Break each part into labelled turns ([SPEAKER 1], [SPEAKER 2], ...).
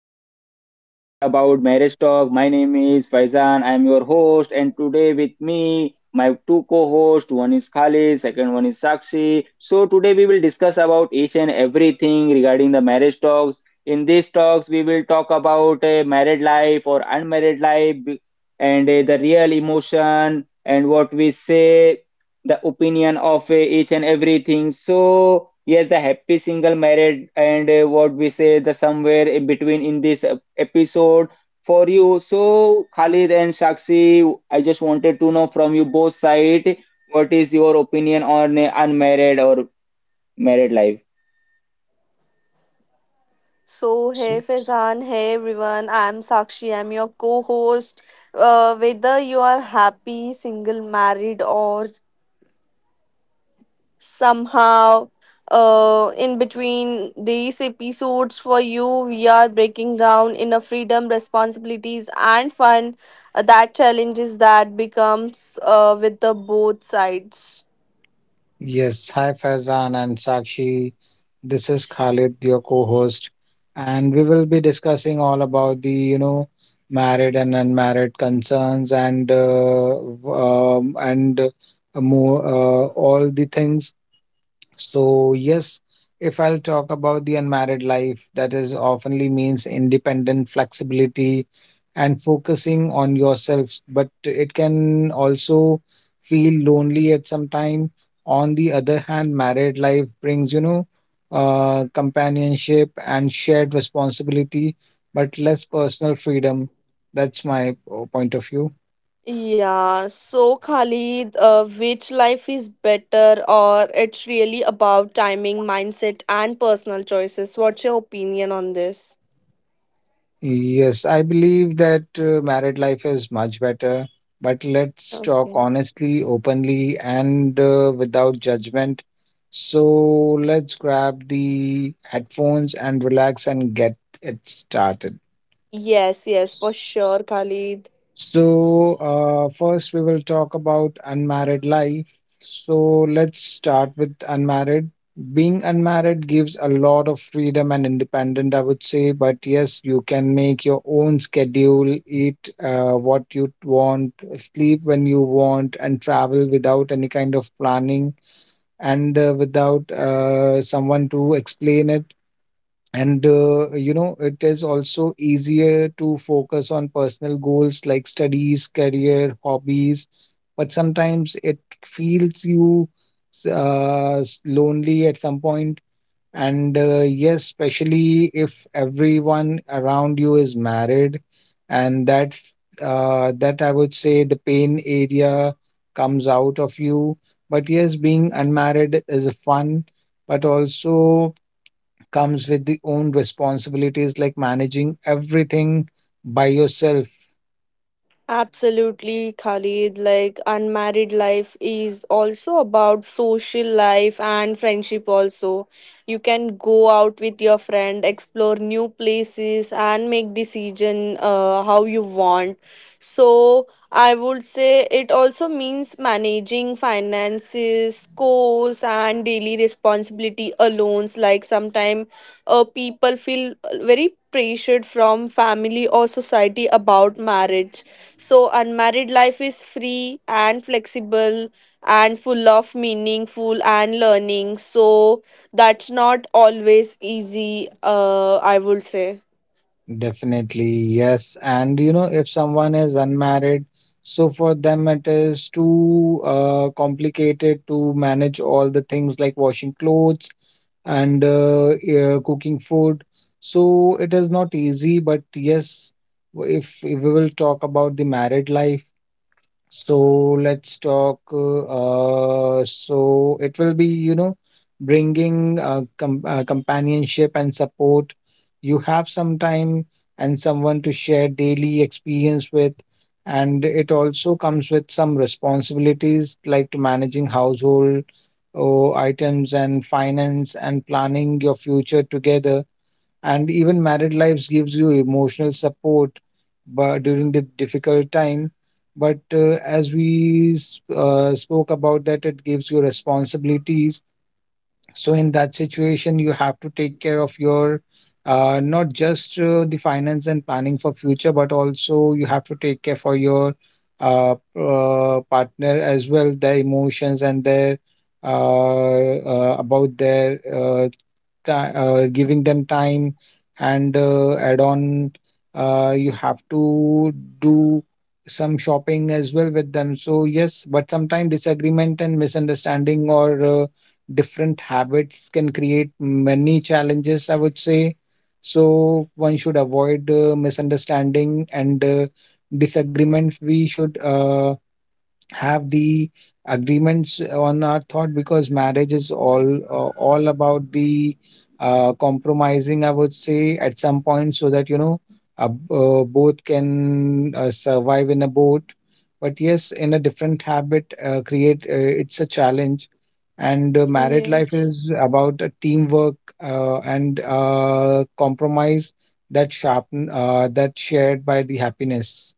[SPEAKER 1] We will discuss about marriage talk. My name is Faizan, I am your host, and today with me my two co-hosts, one is Khalid, second one is Sakshi. So today we will discuss about each and everything regarding the marriage talks. In these talks, we will talk about a married life or unmarried life and the real emotion and what we say the opinion of each and everything. So yes, the happy single married and what we say the somewhere in between in this episode for you. So Khalid and Shakshi, I just wanted to know from you both side what is your opinion on unmarried or married life?
[SPEAKER 2] So, hey Faizan, hey everyone, I'm Sakshi, I'm your co host. Whether you are happy, single, married, or somehow in between these episodes for you, we are breaking down inner freedom, responsibilities, and fun that challenges that becomes with the both sides.
[SPEAKER 3] Yes, hi Faizan and Sakshi. This is Khalid, your co-host, and we will be discussing all about the married and unmarried concerns and more all the things, so, yes, if I'll talk about the unmarried life, that is oftenly means independent flexibility and focusing on yourself, but it can also feel lonely at some time. On the other hand, married life brings, companionship and shared responsibility, but less personal freedom. That's my point of view.
[SPEAKER 2] Yeah, so Khalid, which life is better, or it's really about timing, mindset, and personal choices? What's your opinion on this?
[SPEAKER 3] Yes, I believe that married life is much better. But let's talk
[SPEAKER 2] Okay.
[SPEAKER 3] honestly, openly, and without judgment. So let's grab the headphones and relax and get it started.
[SPEAKER 2] Yes, yes, for sure, Khalid.
[SPEAKER 3] So, first we will talk about unmarried life. So, let's start with unmarried. Being unmarried gives a lot of freedom and independent, I would say. But yes, you can make your own schedule, eat what you want, sleep when you want, and travel without any kind of planning and without someone to explain it, and it is also easier to focus on personal goals like studies, career, hobbies. But sometimes it feels you lonely at some point. And yes, especially if everyone around you is married, and that I would say the pain area comes out of you. But yes, being unmarried is fun, but also comes with the own responsibilities like managing everything by yourself.
[SPEAKER 2] Absolutely, Khalid. Like, unmarried life is also about social life and friendship, also. You can go out with your friend, explore new places, and make decision how you want. So, I would say it also means managing finances, costs, and daily responsibility alone. Like sometimes people feel very pressured from family or society about marriage. So, unmarried life is free and flexible and full of meaningful and learning. So, that's not always easy, I would say.
[SPEAKER 3] Definitely yes, and if someone is unmarried, so for them it is too complicated to manage all the things like washing clothes and cooking food. So it is not easy, but yes, if we will talk about the married life. So let's talk. So it will be, bringing companionship and support. You have some time and someone to share daily experience with, and it also comes with some responsibilities like to managing household or items and finance and planning your future together, and even married lives gives you emotional support but during the difficult time. But as we spoke about that, it gives you responsibilities, so in that situation you have to take care of your not just the finance and planning for future, but also you have to take care for your uh, partner as well, their emotions and their about their giving them time, and add on, you have to do some shopping as well with them. So yes, but sometimes disagreement and misunderstanding or different habits can create many challenges, I would say. So one should avoid misunderstanding and disagreements. We should have the agreements on our thought, because marriage is all about the compromising, I would say, at some point, so that you know both can survive in a boat. But yes, in a different habit create it's a challenge. And married life
[SPEAKER 2] Yes.
[SPEAKER 3] is about a teamwork and compromise that shared by the happiness.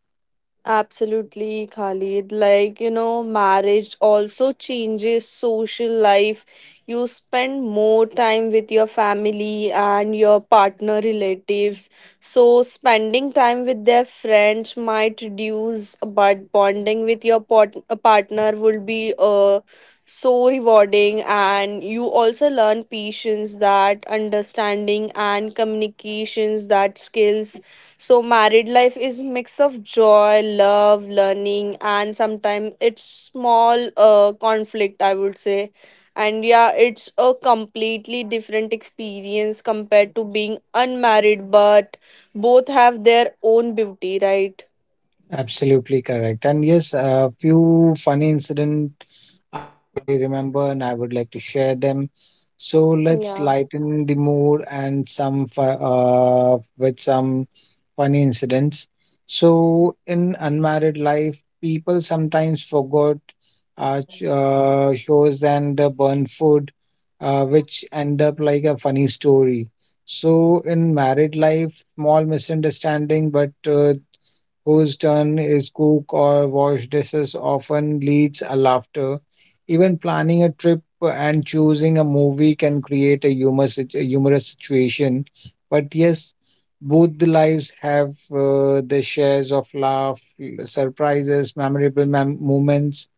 [SPEAKER 2] Absolutely, Khalid. Like, you know, marriage also changes social life. You spend more time with your family and your partner relatives. So, spending time with their friends might reduce, but bonding with your a partner would be so rewarding. And you also learn patience, that understanding, and communications, that skills so married life is mix of joy, love, learning, and sometimes it's small conflict, I would say. And yeah, it's a completely different experience compared to being unmarried, but both have their own beauty, right?
[SPEAKER 3] Absolutely correct. And yes, a few funny incident I remember and I would like to share them. So let's
[SPEAKER 2] Yeah.
[SPEAKER 3] lighten the mood and some with some funny incidents. So in unmarried life, people sometimes forgot shows and burnt food, which end up like a funny story. So in married life, small misunderstanding, but whose turn is cook or wash dishes often leads a laughter. Even planning a trip and choosing a movie can create a humorous situation. But yes, both the lives have their shares of laugh, surprises, memorable moments.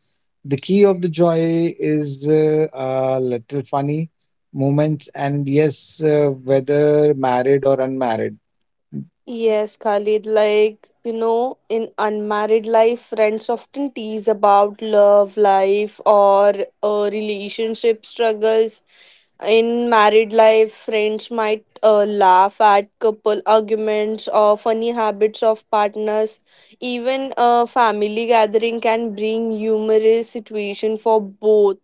[SPEAKER 3] The key of the joy is a little funny moments, and yes, whether married or unmarried.
[SPEAKER 2] Yes, Khalid, like, you know, in unmarried life, friends often tease about love life or relationship struggles. In married life, friends might laugh at couple arguments or funny habits of partners. Even a family gathering can bring humorous situation for both,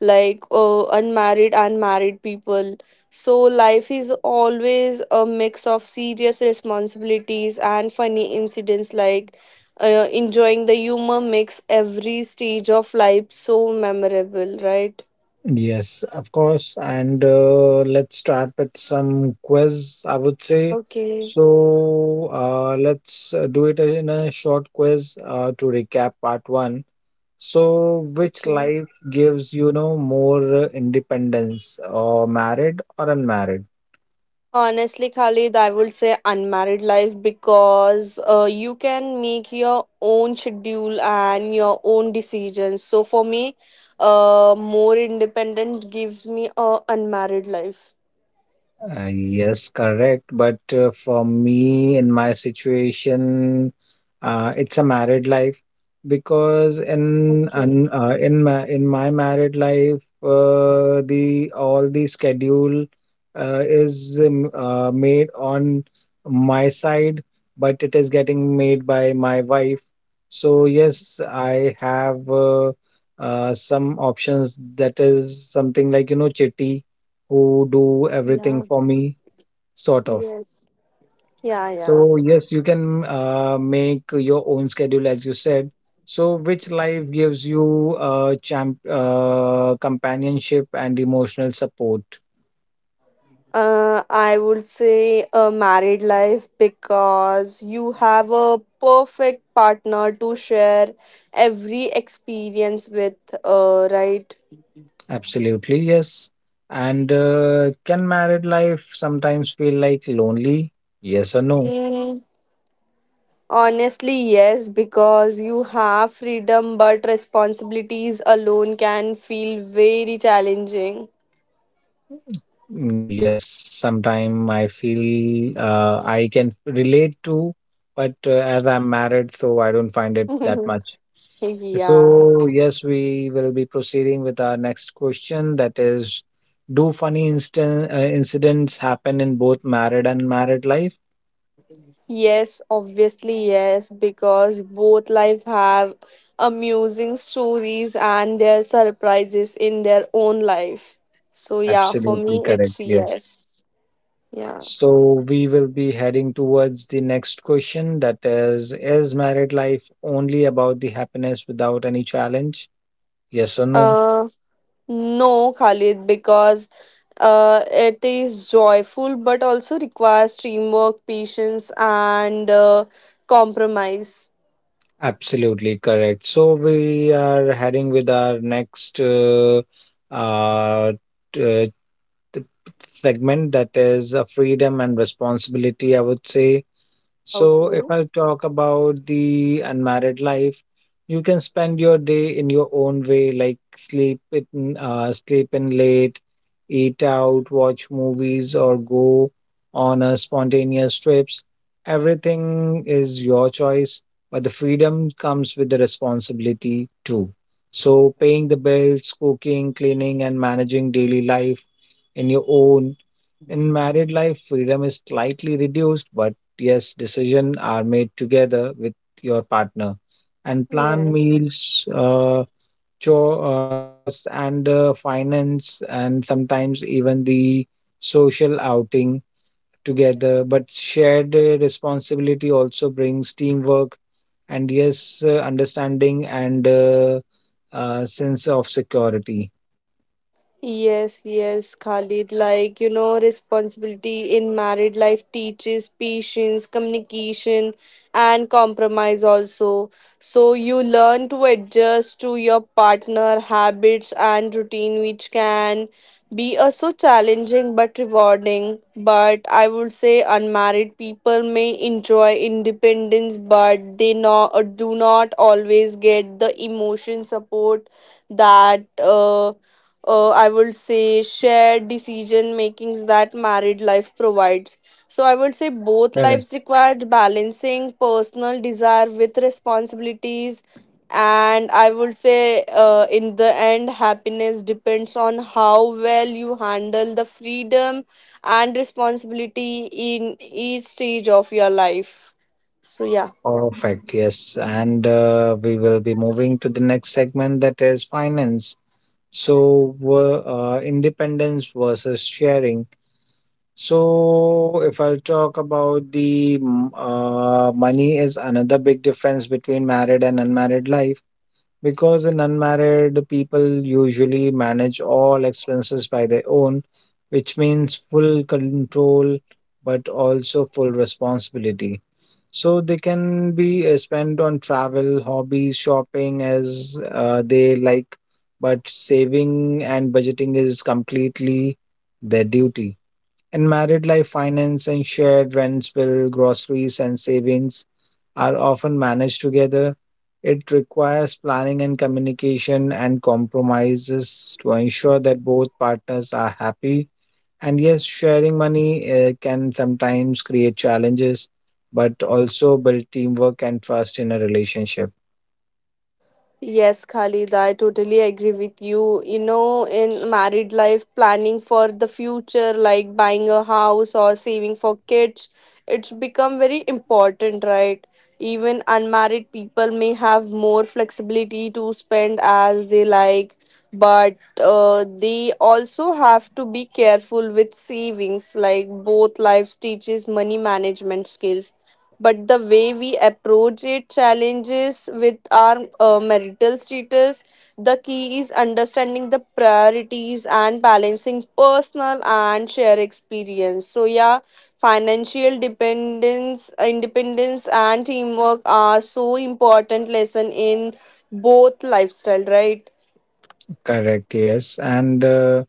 [SPEAKER 2] like unmarried and married people. So life is always a mix of serious responsibilities and funny incidents. Like enjoying the humor makes every stage of life so memorable, right?
[SPEAKER 3] Yes, of course. And let's start with some quiz, I would say.
[SPEAKER 2] Okay.
[SPEAKER 3] So let's do it in a short quiz to recap part one. So, which
[SPEAKER 2] Okay.
[SPEAKER 3] life gives, more independence, or married or unmarried?
[SPEAKER 2] Honestly, Khalid, I would say unmarried life because you can make your own schedule and your own decisions. So for me, more independent gives me a unmarried life.
[SPEAKER 3] Yes, correct. But for me, in my situation, it's a married life, because
[SPEAKER 2] Okay.
[SPEAKER 3] in my married life, the all the schedule is made on my side, but it is getting made by my wife. So yes, I have some options, that is something like, you know, chitty, who do everything
[SPEAKER 2] Yeah.
[SPEAKER 3] for me, sort of.
[SPEAKER 2] Yes. Yeah. Yeah.
[SPEAKER 3] So yes, you can make your own schedule, as you said. So which life gives you champ companionship and emotional support?
[SPEAKER 2] I would say a married life because you have a perfect partner to share every experience with. Right.
[SPEAKER 3] Absolutely, yes. And can married life sometimes feel like lonely? Yes or no?
[SPEAKER 2] Honestly, yes, because you have freedom, but responsibilities alone can feel very challenging.
[SPEAKER 3] Mm, yes, sometimes I feel I can relate to, but as I'm married, so I don't find it that much.
[SPEAKER 2] yeah.
[SPEAKER 3] So, yes, we will be proceeding with our next question. That is, do funny instant incidents happen in both married and married life?
[SPEAKER 2] Yes, obviously, yes, because both life have amusing stories and their surprises in their own life. So yeah, for
[SPEAKER 3] Absolutely
[SPEAKER 2] me
[SPEAKER 3] correct.
[SPEAKER 2] it's
[SPEAKER 3] Yes.
[SPEAKER 2] yes. Yeah.
[SPEAKER 3] So, we will be heading towards the next question. That is married life only about the happiness without any challenge? Yes or no?
[SPEAKER 2] Uh No, Khalid, because it is joyful but also requires teamwork, patience, and compromise.
[SPEAKER 3] Absolutely correct. So, we are heading with our next uh, t- uh, segment, that is freedom and responsibility, I would say. So, if
[SPEAKER 2] Okay.
[SPEAKER 3] I talk about the unmarried life, you can spend your day in your own way, like sleep in
[SPEAKER 1] Yeah, Khalid,
[SPEAKER 3] late,
[SPEAKER 1] so if you
[SPEAKER 3] eat
[SPEAKER 1] want to, I
[SPEAKER 3] out,
[SPEAKER 1] can give
[SPEAKER 3] watch
[SPEAKER 1] the answer
[SPEAKER 3] movies, or go on a
[SPEAKER 1] about
[SPEAKER 3] spontaneous
[SPEAKER 1] a
[SPEAKER 3] trips.
[SPEAKER 1] married and
[SPEAKER 3] Everything
[SPEAKER 1] unmarried.
[SPEAKER 3] is your choice, but the freedom comes with the responsibility too. So, paying the bills, cooking, cleaning, and managing daily life in your own. In married life, freedom is slightly reduced, but yes, decisions are made together with your partner and plan
[SPEAKER 2] Yes.
[SPEAKER 3] meals, chores, and finance, and sometimes even the social outing together. But shared responsibility also brings teamwork and, yes, understanding and sense of security.
[SPEAKER 2] Yes, yes, Khalid. Like, you know, responsibility in married life teaches patience, communication, and compromise also. So, you learn to adjust to your partner habits and routine, which can be so challenging but rewarding. But I would say unmarried people may enjoy independence, but they do not always get the emotion support that. I would say shared decision makings that married life provides. So I would say both lives required balancing personal desire with responsibilities, and I would say in the end happiness depends on how well you handle the freedom and responsibility in each stage of your life. So yeah.
[SPEAKER 3] Perfect. Yes. And we will be moving to the next segment, that is finance. So, independence versus sharing. So, if I'll talk about the money is another big difference between married and unmarried life, because in unmarried people usually manage all expenses by their own, which means full control but also full responsibility. So they can be spent on travel, hobbies, shopping as they like, but saving and budgeting is completely their duty. In married life, finance and shared rents, bill, groceries, and savings are often managed together. It requires planning and communication and compromises to ensure that both partners are happy, and yes, sharing money can sometimes create challenges, but also build teamwork and trust in a relationship. Correct, yes. And uh,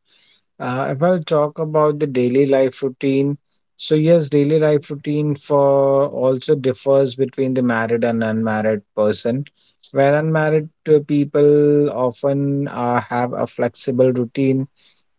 [SPEAKER 3] uh, if I'll talk about the daily life routine, so yes, daily life routine for also differs between the married and unmarried person. Where unmarried people often have a flexible routine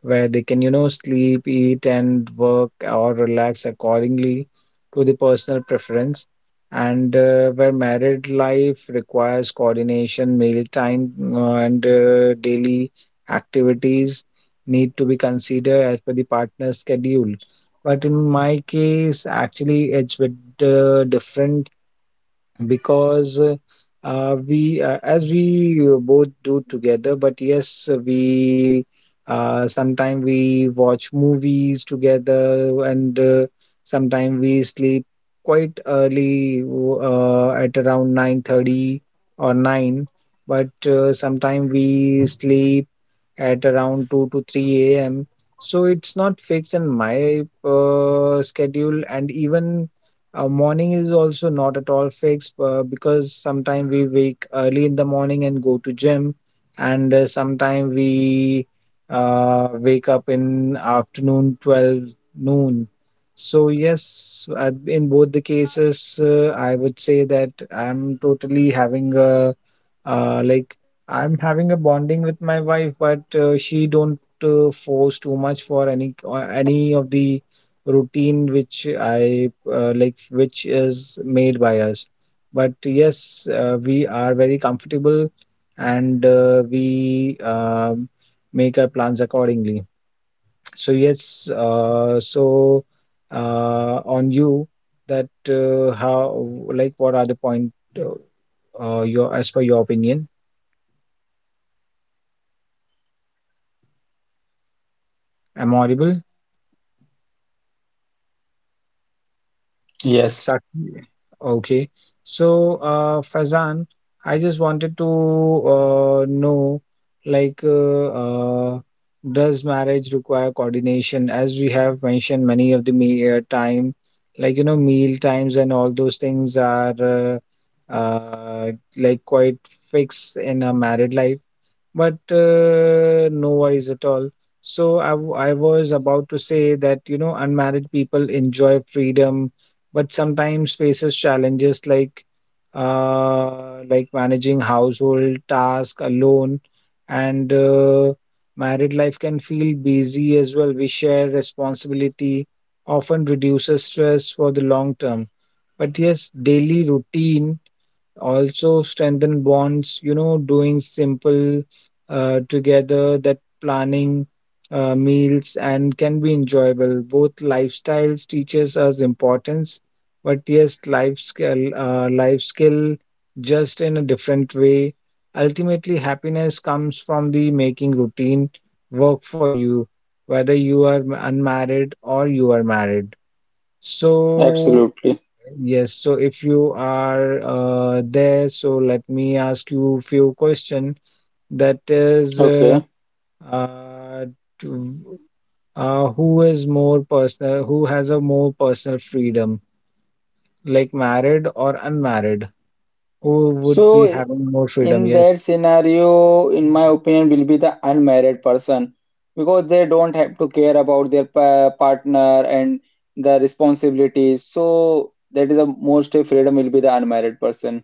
[SPEAKER 3] where they can, you know, sleep, eat, and work or relax accordingly to the personal preference. And where married life requires coordination, meal time, and daily activities need to be considered as per the partner's schedule. But in my case, actually, it's with different, because we as we both do together, but yes, we sometime we watch movies together and sometime we sleep quite early at around 9:30 or 9, but sometime we sleep at around 2 to 3 a.m. So it's not fixed in my schedule, and even morning is also not at all fixed, because sometimes we wake early in the morning and go to gym, and sometimes we wake up in afternoon 12 noon. So yes, in both the cases, I would say that I'm totally having a like, I'm having a bonding with my wife, but she don't force too much for any of the routine which I like, which is made by us. But yes, we are very comfortable, and we make our plans accordingly. So yes, so on you, that how, like, what are the point your, as per your opinion? Am I audible?
[SPEAKER 1] Yes,
[SPEAKER 3] Sat- Okay. So, Faizan, I just wanted to know, like, does marriage require coordination? As we have mentioned, many of the me time, like, you know, meal times and all those things are uh, uh, like quite fixed in a married life, but no worries at all. So I, I was about to say that, you know, unmarried people enjoy freedom, but sometimes faces challenges like managing household task alone, and married life can feel busy as well. We share responsibility, often reduces stress for the long term. But yes, daily routine also strengthen bonds doing simple together that planning meals and can be enjoyable both lifestyles teaches us importance but yes life skill just in a different way. Ultimately happiness comes from the making routine work for you, whether you are unmarried or you are married so.
[SPEAKER 1] absolutely.
[SPEAKER 3] Yes, so if you are there, so let me ask you few question. That is,
[SPEAKER 1] Okay.
[SPEAKER 3] uh, to, who is more personal? Who has a more personal freedom, like married or unmarried? Who would be
[SPEAKER 1] So
[SPEAKER 3] having more freedom?
[SPEAKER 1] in
[SPEAKER 3] Yes,
[SPEAKER 1] that scenario, in my opinion, will be the unmarried person because they don't have to care about their pa partner and the responsibilities. So that is the most freedom will be the unmarried person.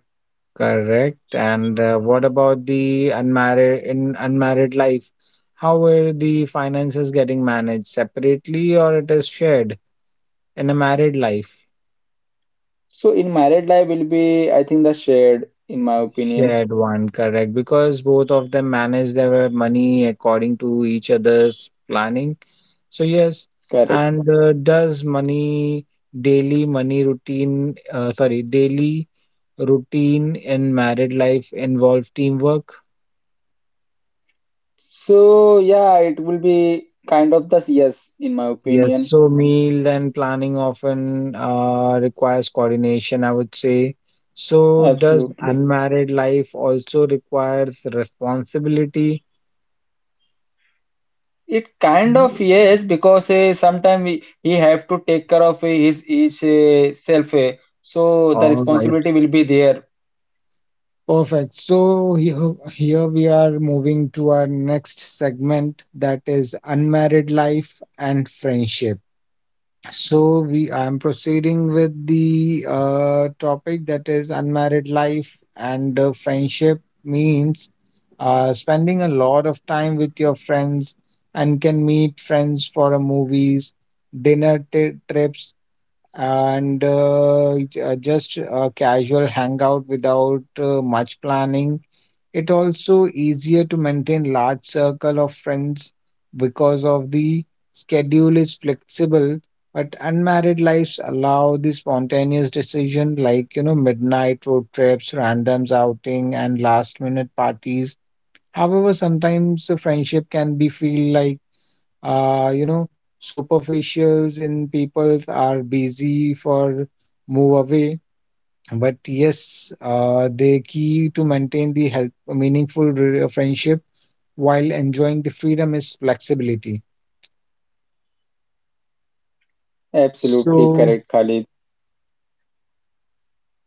[SPEAKER 3] correct. And what about the unmarried in unmarried life? How are the finances getting managed separately or it is shared in a married life?
[SPEAKER 1] So in married life will be, I think, the shared, in my opinion.
[SPEAKER 3] Shared one, correct, because both of them manage their money according to each other's planning. So yes,
[SPEAKER 1] Correct.
[SPEAKER 3] and does money daily money routine, sorry, daily routine in married life involve teamwork?
[SPEAKER 1] So yeah, it will be kind of the yes, in my
[SPEAKER 3] Yes,
[SPEAKER 1] opinion.
[SPEAKER 3] so meal and planning often requires coordination, I would say. So does
[SPEAKER 1] Absolutely.
[SPEAKER 3] unmarried life also requires responsibility?
[SPEAKER 1] It kind of yes, because sometimes he have to take care of his each self, so the
[SPEAKER 3] All right.
[SPEAKER 1] responsibility will be there.
[SPEAKER 3] Perfect. So here, here we are moving to our next segment that is unmarried life and friendship. So we I'm proceeding with the topic that is unmarried life and friendship means spending a lot of time with your friends and can meet friends for a movies, dinner trips, and just a casual hangout without much planning. It also easier to maintain large circle of friends because of the schedule is flexible, but unmarried lives allow the spontaneous decision like midnight road trips, randoms outing, and last minute parties. However, sometimes the friendship can be feel like uh, you know, superficials in people are busy for move away. But yes, the key to maintain the health, meaningful friendship while enjoying the freedom is flexibility.
[SPEAKER 1] Absolutely
[SPEAKER 3] So,
[SPEAKER 1] correct, Khalid.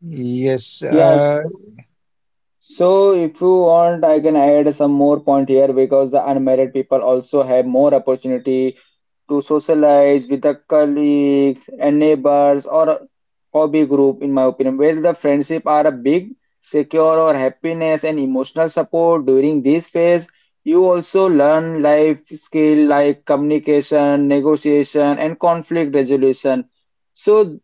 [SPEAKER 3] yes,
[SPEAKER 1] Yes. So if you want, I can add some more point here because the unmarried people also have more opportunity to socialize with the colleagues and neighbors or hobby group in my opinion where the friendship are a big secure or happiness and emotional support during this phase. You also learn life skill like communication negotiation and conflict resolution, so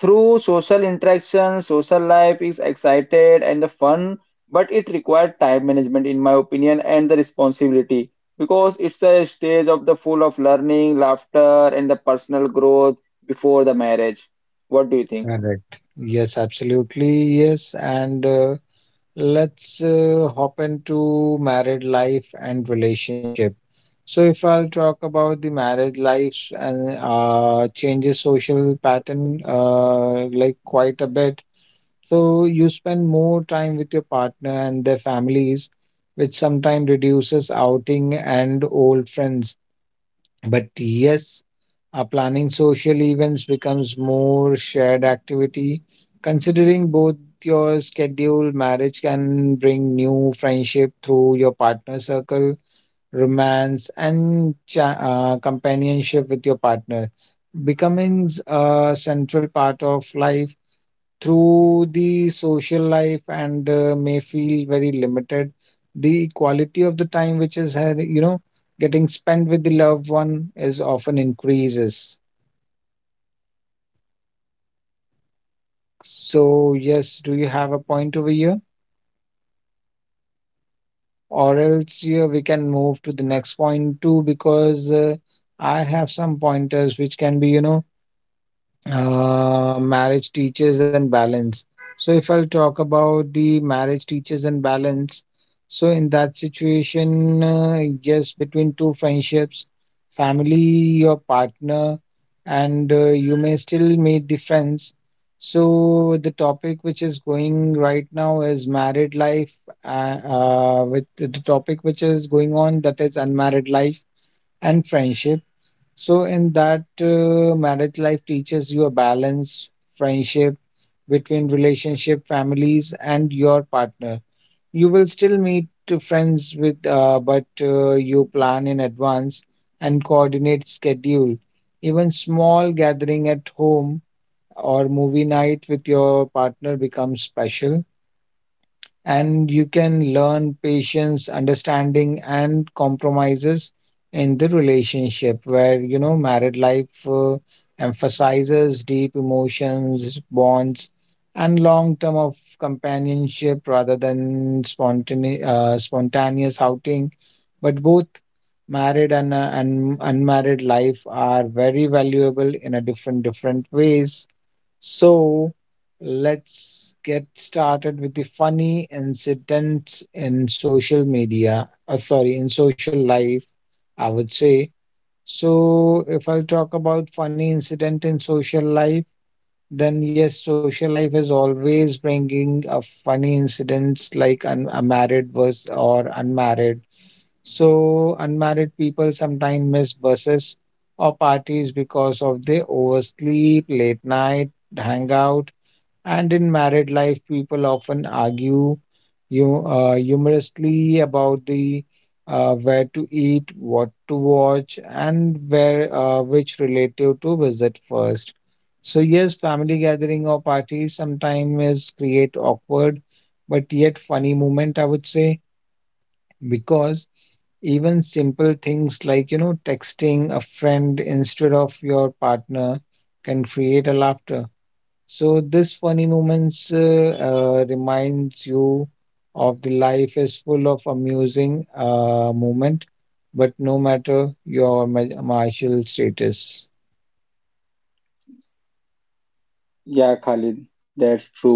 [SPEAKER 1] through social interaction, social life is excited and the fun, but it required time management, in my opinion, and the responsibility because it's a stage of the full of learning, laughter, and the personal growth before the marriage. What do you think?
[SPEAKER 3] correct. Yes, absolutely. Yes. And let's hop into married life and relationship. So, if I'll talk about the marriage lives and changes social pattern like quite a bit. So, you spend more time with your partner and their families, which sometimes reduces outing and old friends. But yes, planning social events becomes more shared activity. Considering both your schedule, marriage can bring new friendship through your partner circle, romance, and companionship with your partner. Becoming a central part of life through the social life and may feel very limited. The quality of the time which is had, getting spent with the loved one is often increases. So, yes, do you have a point over here? Or else yeah, we can move to the next point too, because I have some pointers which can be, marriage teaches and balance. So, if I'll talk about the marriage teaches and balance, so in that situation, yes, between two friendships, family, your partner, and you may still meet the friends. So, the topic which is going right now is married life, with the topic which is going on that is unmarried life and friendship. So in that marriage life teaches you a balance, friendship between relationship, families, and your partner. You will still meet to friends with, but you plan in advance and coordinate schedule. Even small gathering at home or movie night with your partner becomes special and you can learn patience, understanding, and compromises in the relationship where married life emphasizes deep emotions, bonds, and long term of companionship rather than spontaneous outing. But both married and unmarried life are very valuable in a different different ways so let's get started with the funny incidents in social media, sorry, in social life, I would say. So, if I'll talk about funny incident in social life, then yes, social life is always bringing a funny incidents like un a married bus or unmarried. So, unmarried people sometimes miss buses or parties because of they oversleep, late night hangout, and in married life, people often argue you humorously about the where to eat, what to watch, and where which relative to visit first. So yes, family gathering or parties sometimes create awkward but yet funny moment, I would say, because even simple things like texting a friend instead of your partner can create a laughter. So this funny moments reminds you of the life is full of amusing moment, but no matter your martial status.
[SPEAKER 1] Yeah, Khalid, that's true.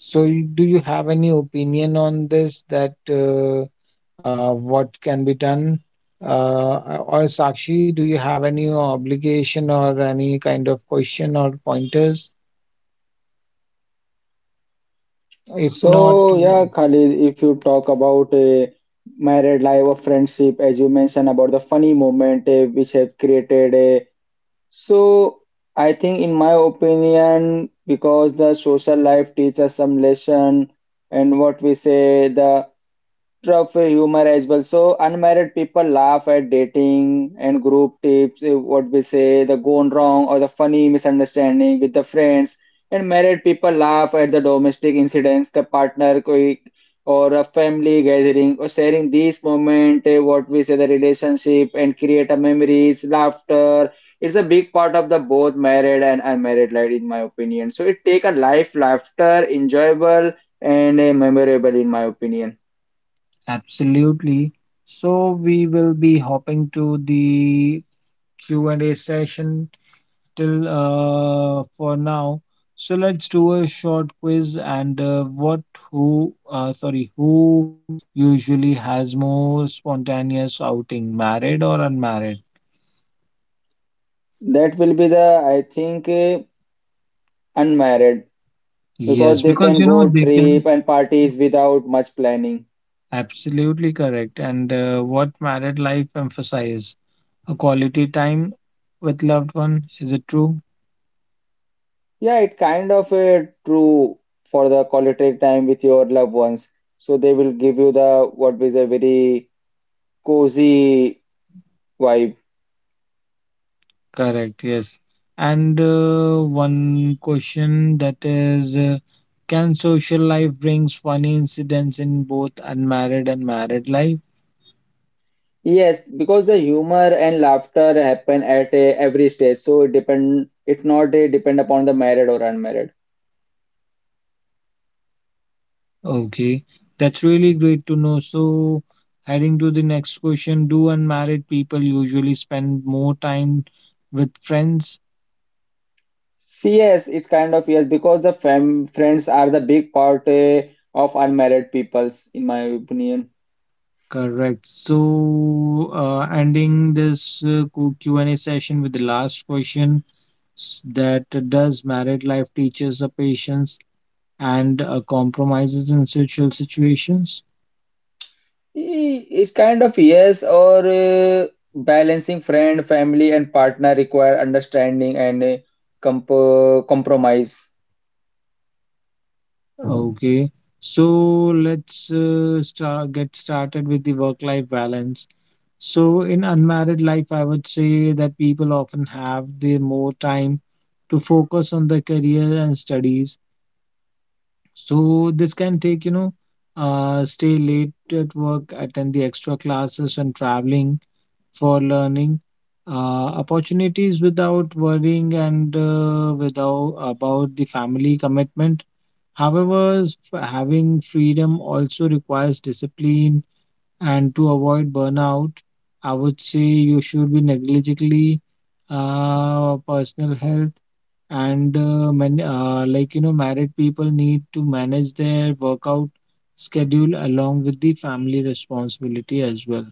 [SPEAKER 3] So do you have any opinion on this that what can be done? Or Sakshi, do you have any obligation or any kind of question or pointers? If not,
[SPEAKER 1] So, yeah, Khalid, if you talk about a married life or friendship, as you mentioned about the funny moment which have created a. So I think in my opinion, because the social life teaches some lesson and what we say the of humor as well. So unmarried people laugh at dating and group tips, what we say, the gone wrong or the funny misunderstanding with the friends. And married people laugh at the domestic incidents, the partner koi or a family gathering or sharing these moment, what we say, the relationship and create a memories, laughter. It's a big part of the both married and unmarried life, in my opinion. So it take a life laughter, enjoyable and memorable, in my opinion.
[SPEAKER 3] absolutely. So we will be hopping to the Q&A session till for now. So let's do a short quiz and what who sorry who usually has more spontaneous outing, married or unmarried?
[SPEAKER 1] That will be the, I think, unmarried because
[SPEAKER 3] Yes,
[SPEAKER 1] they
[SPEAKER 3] because
[SPEAKER 1] can go
[SPEAKER 3] they can
[SPEAKER 1] trip and parties without much planning.
[SPEAKER 3] absolutely correct. And what married life emphasize? A quality time with loved one. Is it true?
[SPEAKER 1] Yeah, it kind of true for the quality time with your loved ones. So they will give you the what is a very cozy vibe.
[SPEAKER 3] Correct, yes. And one question that is, can social life brings funny incidents in both unmarried and married life?
[SPEAKER 1] Yes, because the humor and laughter happen at every stage. So it depend, it's not depend upon the married or unmarried.
[SPEAKER 3] Okay, that's really great to know. So, heading to the next question, do unmarried people usually spend more time with friends?
[SPEAKER 1] Yes, it kind of yes because the fam friends are the big part of unmarried peoples in my opinion.
[SPEAKER 3] Correct. So, ending this Q&A session with the last question that does married life teaches a patience and compromises in social situations.
[SPEAKER 1] It kind of yes or balancing friend, family and partner require understanding and comp compromise.
[SPEAKER 3] Okay, so let's start get started with the work-life balance. So in unmarried life, I would say that people often have the more time to focus on their career and studies. So this can take, stay late at work, attend the extra classes and traveling for learning opportunities without worrying and without about the family commitment. However, having freedom also requires discipline, and to avoid burnout, I would say you should be negligently personal health and like married people need to manage their workout schedule along with the family responsibility as well.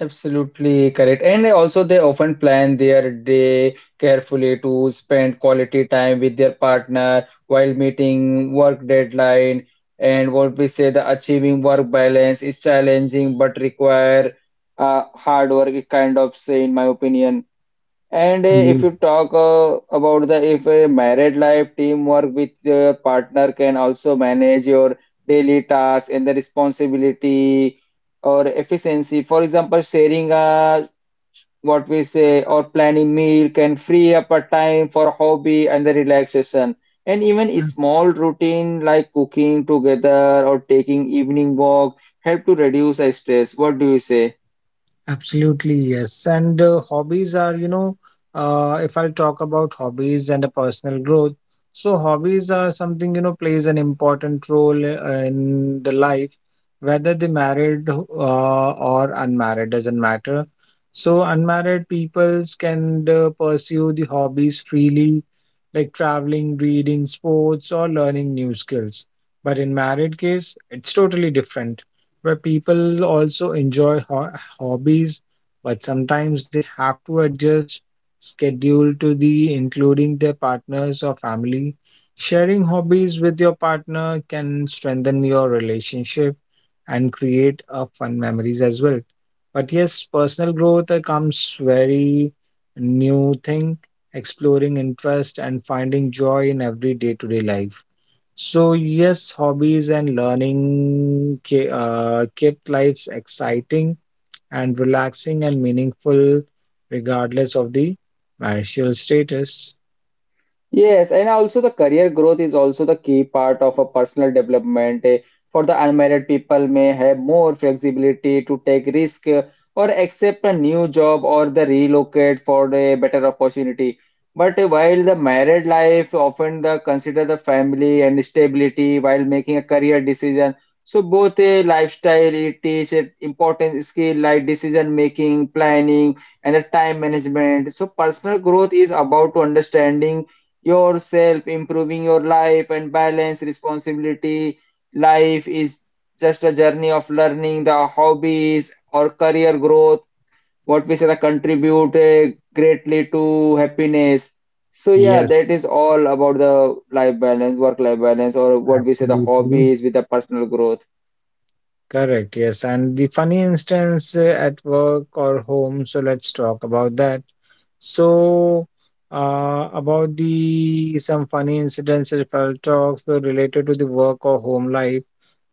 [SPEAKER 1] Absolutely correct. And also, they often plan their day carefully to spend quality time with their partner while meeting work deadline. And what we say, the achieving work balance is challenging but require hard work, kind of say, in my opinion. And if
[SPEAKER 3] Yes.
[SPEAKER 1] you talk about the if a married life, teamwork with your partner can also manage your daily tasks and the responsibility or efficiency. For example, sharing what we say or planning meal can free up a time for hobby and the relaxation. And even a small routine like cooking together or taking evening walk help to reduce stress. What do you say?
[SPEAKER 3] Absolutely, yes. And hobbies are, if I talk about hobbies and the personal growth, so hobbies are something, plays an important role in the life, whether they married or unmarried, doesn't matter. So unmarried peoples can pursue the hobbies freely, like traveling, reading, sports, or learning new skills. But in married case, it's totally different, where people also enjoy ho hobbies, but sometimes they have to adjust schedule to the including their partners or family. Sharing hobbies with your partner can strengthen your relationship and create fun memories as well. But yes, personal growth comes very new thing, exploring interest and finding joy in every day-to-day life. So yes, hobbies and learning kept life exciting and relaxing and meaningful regardless of the marital status.
[SPEAKER 1] Yes, and also the career growth is also the key part of a personal development. For the unmarried people may have more flexibility to take risk or accept a new job or the relocate for a better opportunity. But while the married life often the consider the family and stability while making a career decision. So both a lifestyle it teach important skill like decision making, planning, and the time management. So personal growth is about to understanding yourself, improving your life, and balance responsibility. Life is just a journey of learning the hobbies or career growth, what we say that contribute greatly to happiness. So yeah,
[SPEAKER 3] Yes,
[SPEAKER 1] that is all about the life balance, work-life balance, or what we say the
[SPEAKER 3] absolutely.
[SPEAKER 1] hobbies with the personal growth.
[SPEAKER 3] Correct. Yes. And the funny instance at work or home. So let's talk about that. So, about the some funny incidents, if I'll talk, so related to the work or home life.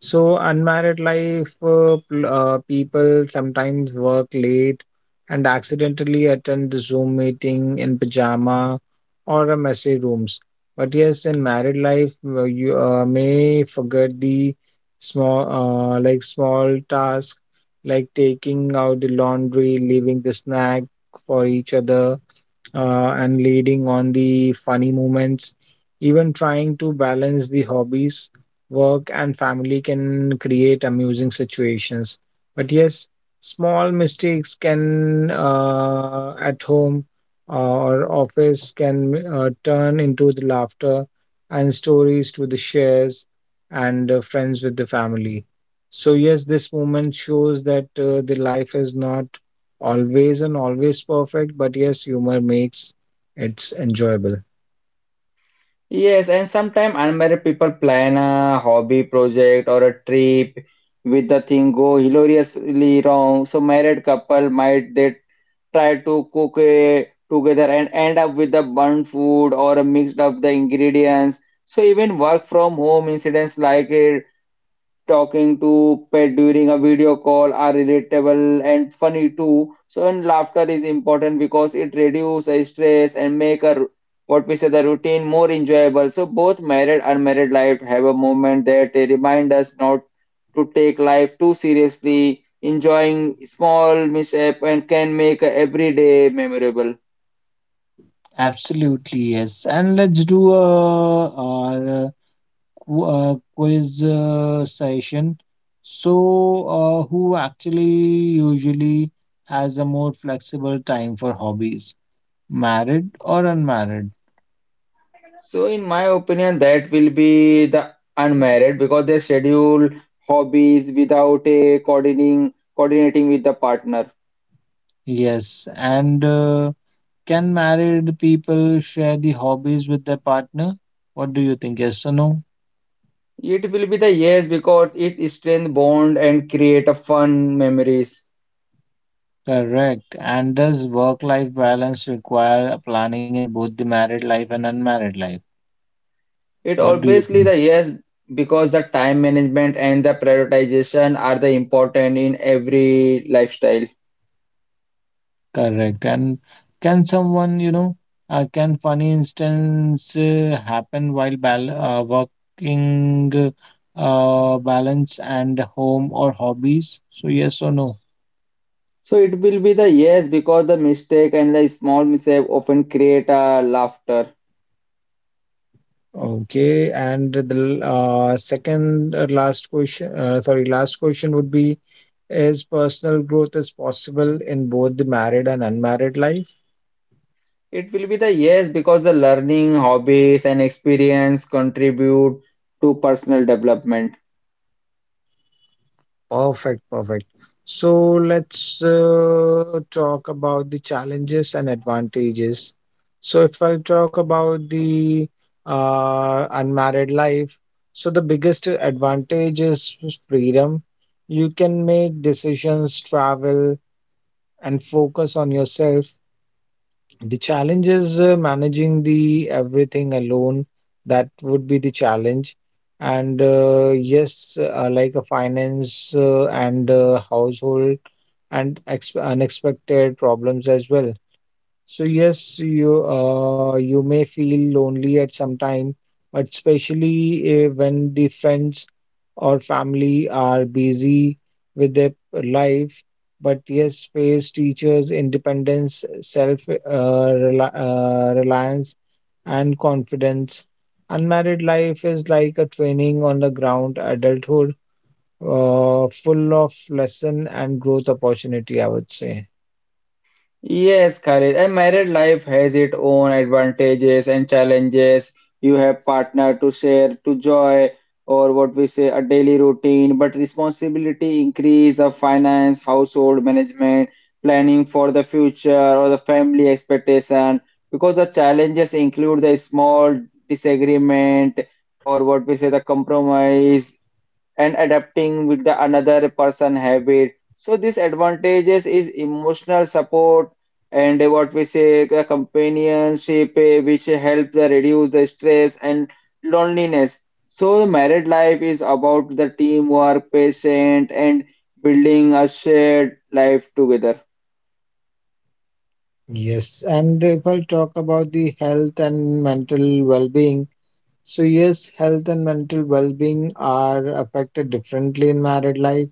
[SPEAKER 3] So, unmarried life, people sometimes work late and accidentally attend the Zoom meeting in pajama or a messy rooms. But yes, in married life, you may forget the like small tasks like taking out the laundry, leaving the snack for each other, and leading on the funny moments. Even trying to balance the hobbies, work, and family can create amusing situations. But yes, small mistakes can at home or office can turn into the laughter and stories to the shares and friends with the family. So yes, this moment shows that the life is not always and always perfect, but yes, humor makes it enjoyable.
[SPEAKER 1] Yes, and sometimes unmarried people plan a hobby project or a trip with the thing go hilariously wrong. So married couple might they try to cook it together and end up with the burnt food or a mixed up the ingredients. So even work from home incidents like talking to pet during a video call are relatable and funny too. So, and laughter is important because it reduces stress and make a what we say the routine more enjoyable. So, both married and unmarried life have a moment that they remind us not to take life too seriously. Enjoying small mishap and can make every day memorable.
[SPEAKER 3] Absolutely, yes. And let's do a, our quiz session. So, who actually usually has a more flexible time for hobbies, married or unmarried?
[SPEAKER 1] So, in my opinion, that will be the unmarried because they schedule hobbies without a coordinating with the partner.
[SPEAKER 3] Yes. And can married people share the hobbies with their partner? What do you think? Yes or no?
[SPEAKER 1] It will be the yes because it strengthens bond and create a fun memories.
[SPEAKER 3] Correct. And does work-life balance require planning in both the married life and unmarried life?
[SPEAKER 1] It
[SPEAKER 3] What do you
[SPEAKER 1] obviously
[SPEAKER 3] think?
[SPEAKER 1] the yes because the time management and the prioritization are the important in every lifestyle.
[SPEAKER 3] Correct. And can someone, can funny instance happen while bal working balance and home or hobbies? So yes or no?
[SPEAKER 1] So it will be the yes because the mistake and the small mistake often create a laughter.
[SPEAKER 3] Okay, and the second last question, sorry, last question would be, is personal growth is possible in both the married and unmarried life?
[SPEAKER 1] It will be the yes because the learning, hobbies, and experience contribute to personal development.
[SPEAKER 3] Perfect, perfect. So let's talk about the challenges and advantages. So if I talk about the unmarried life, so the biggest advantage is freedom. You can make decisions, travel, and focus on yourself. The challenge is managing the everything alone. That would be the challenge. And yes, like a finance and household and ex unexpected problems as well. So yes, you may feel lonely at some time, but especially when the friends or family are busy with their life. But yes, space teaches independence, self reliance, and confidence. Unmarried life is like a training on the ground adulthood, full of lesson and growth opportunity, I would say.
[SPEAKER 1] Yes, Khalid, a married life has its own advantages and challenges. You have partner to share to joy or what we say a daily routine, but responsibility increase of finance, household management, planning for the future or the family expectation because the challenges include the small disagreement or what we say the compromise and adapting with the another person habit. So these advantages is emotional support and what we say the companionship which help the reduce the stress and loneliness. So the married life is about the teamwork patience, and building a shared life together.
[SPEAKER 3] Yes, and if I talk about the health and mental well-being, so yes, health and mental well-being are affected differently in married life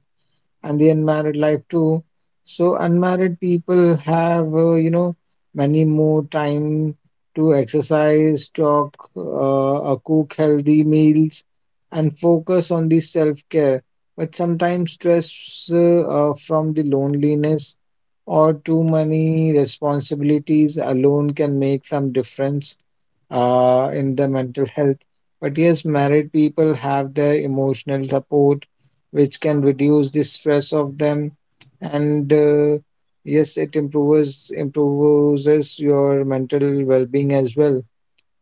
[SPEAKER 3] and the unmarried life too. So unmarried people have, you know, many more time to exercise, talk, cook healthy meals, and focus on the self-care. But sometimes stress from the loneliness or too many responsibilities alone can make some difference in the mental health. But yes, married people have their emotional support which can reduce the stress of them. And yes, it improves your mental well-being as well.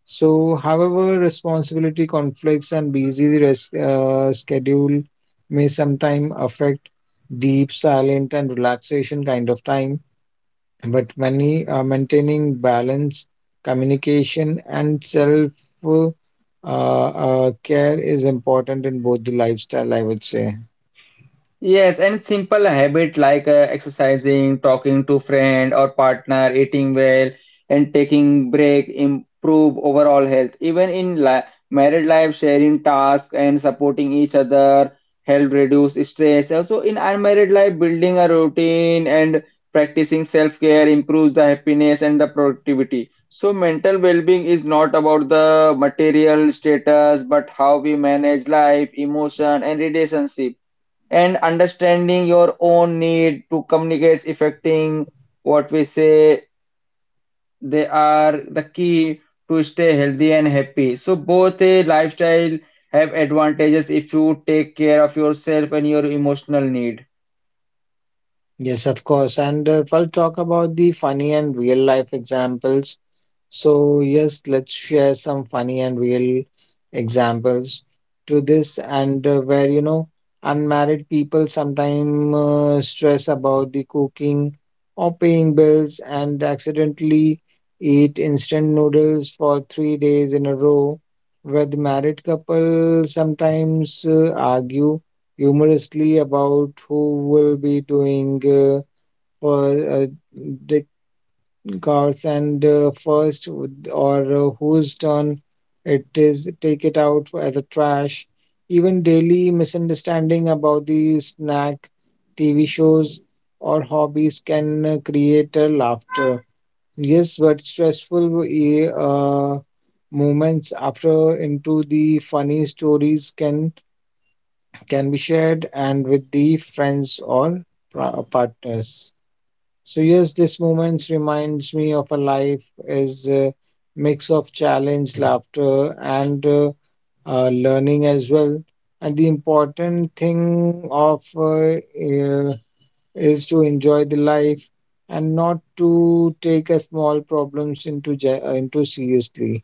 [SPEAKER 3] So, however, responsibility conflicts and busy schedule may sometimes affect deep, silent, and relaxation kind of time. But many are maintaining balance, communication, and self uh, care is important in both the lifestyle, I would say.
[SPEAKER 1] Yes, and simple habit like exercising, talking to friend or partner, eating well, and taking break improve overall health. Even in li married life, sharing tasks and supporting each other help reduce stress. Also, in unmarried life, building a routine and practicing self-care improves the happiness and the productivity. So, mental well-being is not about the material status, but how we manage life, emotion, and relationship and understanding your own need to communicate affecting what we say they are the key to stay healthy and happy. So both a lifestyle have advantages if you take care of yourself and your emotional need.
[SPEAKER 3] Yes, of course. And if I'll talk about the funny and real life examples, so, yes, let's share some funny and real examples to this, and where you know, unmarried people sometimes stress about the cooking or paying bills and accidentally eat instant noodles for 3 days in a row, where the married couple sometimes argue humorously about who will be doing for the cars and first would- or whose turn it is take it out as a trash, even daily misunderstanding about the snack, tv shows or hobbies can create laughter. Yes, but stressful moments after into the funny stories can be shared and with the friends or partners. So yes, this moments reminds me of a life as a mix of challenge, laughter, and learning as well. And the important thing of uh, is to enjoy the life and not to take a small problems into seriously.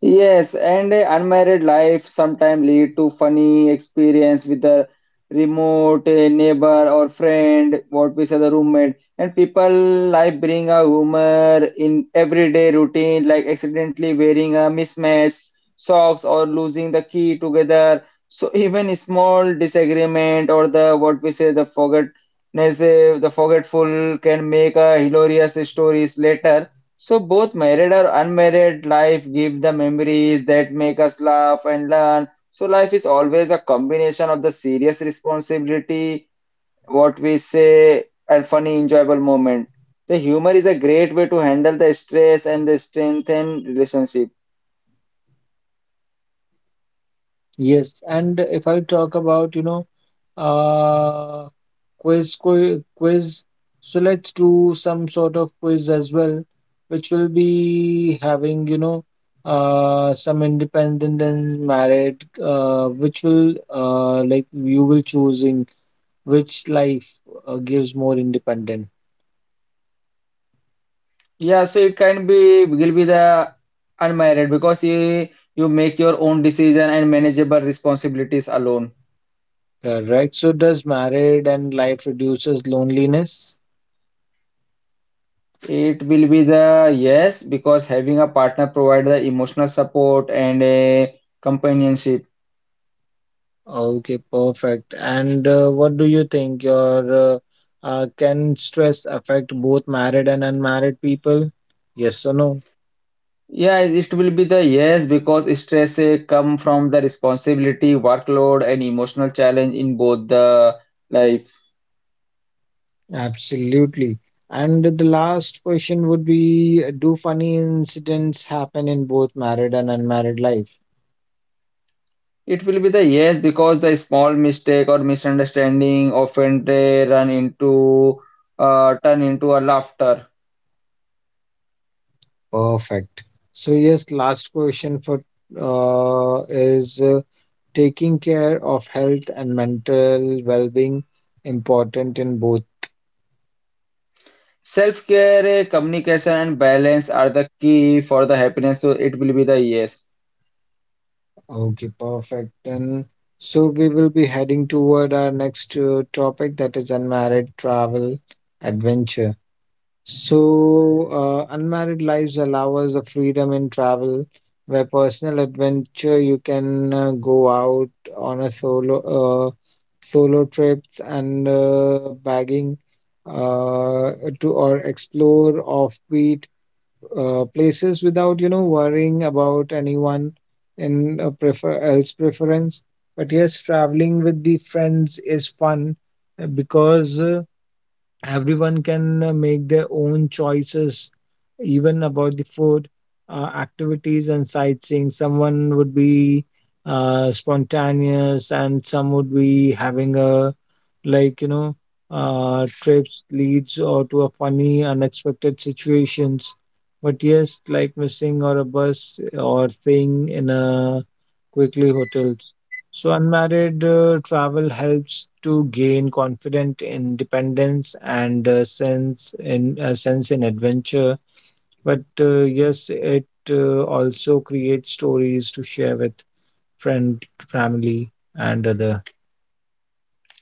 [SPEAKER 1] Yes, and a unmarried life sometimes lead to funny experience with the remote neighbor or friend, what we say the roommate. And people like bring a humor in everyday routine, like accidentally wearing a mismatched socks or losing the key together. So even a small disagreement or the what we say the forgetness, the forgetful can make a hilarious stories later. So both married or unmarried life give the memories that make us laugh and learn. So life is always a combination of the serious responsibility, what we say, and funny, enjoyable moment. The humor is a great way to handle the stress and the strengthen relationship.
[SPEAKER 3] Yes, and if I talk about you know uh, quiz. So let's do some sort of quiz as well, which will be having, you know, some independent and married, which will like you will choosing which life gives more independent.
[SPEAKER 1] Yeah, so it can be will be the unmarried because you make your own decision and manageable responsibilities alone.
[SPEAKER 3] Correct. So does married and life reduces loneliness?
[SPEAKER 1] It will be the yes, because having a partner provide the emotional support and a companionship.
[SPEAKER 3] Okay, perfect. And what do you think? Your Can stress affect both married and unmarried people? Yes or no?
[SPEAKER 1] Yeah, it will be the yes, because stress come from the responsibility, workload, and emotional challenge in both the lives.
[SPEAKER 3] Absolutely. And the last question would be, do funny incidents happen in both married and unmarried life?
[SPEAKER 1] It will be the yes, because the small mistake or misunderstanding often run into turn into a laughter.
[SPEAKER 3] Perfect. So, yes, last question for is taking care of health and mental well being important in both?
[SPEAKER 1] Self-care, communication, and balance are the key for the happiness. So it will be the yes.
[SPEAKER 3] Okay, perfect. Then, so we will be heading toward our next topic, that is unmarried travel adventure. So, unmarried lives allow us the freedom in travel, where personal adventure you can go out on a uh, solo trips and bagging uh, to or explore offbeat places without you know worrying about anyone in a prefer else preference. But yes, traveling with the friends is fun because. Everyone can make their own choices, even about the food, activities and sightseeing. Someone would be spontaneous and some would be having a like you know trips leads or to a funny unexpected situations, but yes, like missing or a bus or thing in a quickly hotels. So unmarried travel helps to gain confidence, independence, and sense in adventure. But yes, it also creates stories to share with friend, family, and other.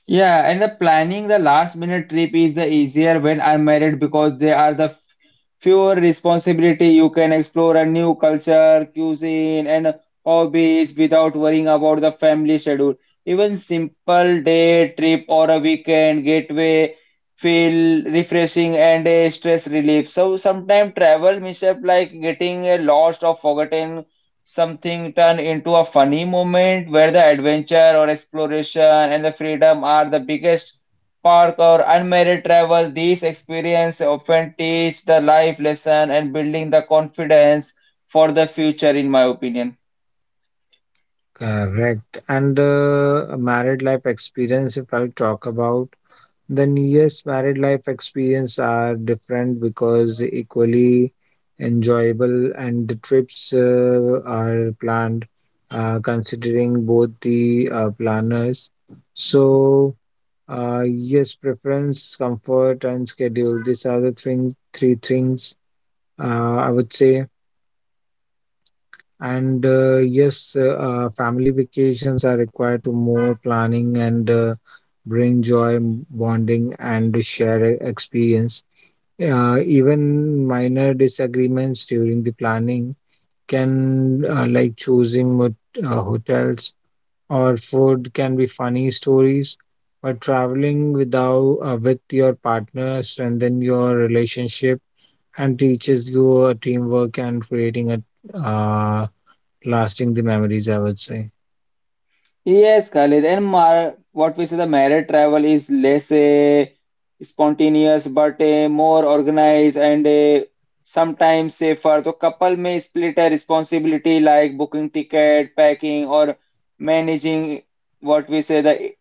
[SPEAKER 1] Yeah, and the planning the last minute trip is the easier when I'm married because there are the fewer responsibility. You can explore a new culture, cuisine, and hobbies without worrying about the family schedule. Even simple day trip or a weekend getaway feel refreshing and a stress relief. So sometimes travel mishap like getting a lost or forgotten something turn into a funny moment where the adventure or exploration and the freedom are the biggest park or unmarried travel, these experiences often teach the life lesson and building the confidence for the future, in my opinion.
[SPEAKER 3] Correct. And married life experience, if I'll talk about. Then, yes, married life experience are different because equally enjoyable, and the trips are planned considering both the planners. So, yes, preference, comfort, and schedule. These are the thing, three things I would say. And yes, family vacations are required to more planning and bring joy, bonding, and share experience. Even minor disagreements during the planning can, like choosing hotels or food, can be funny stories. But traveling without with your partner strengthen your relationship and teaches you teamwork and creating a lasting the memories. I would say.
[SPEAKER 1] Yes, Khalid, and mar what we say the married travel is less spontaneous but more organized and sometimes safer. The couple may split a responsibility like booking ticket, packing, or managing what we say the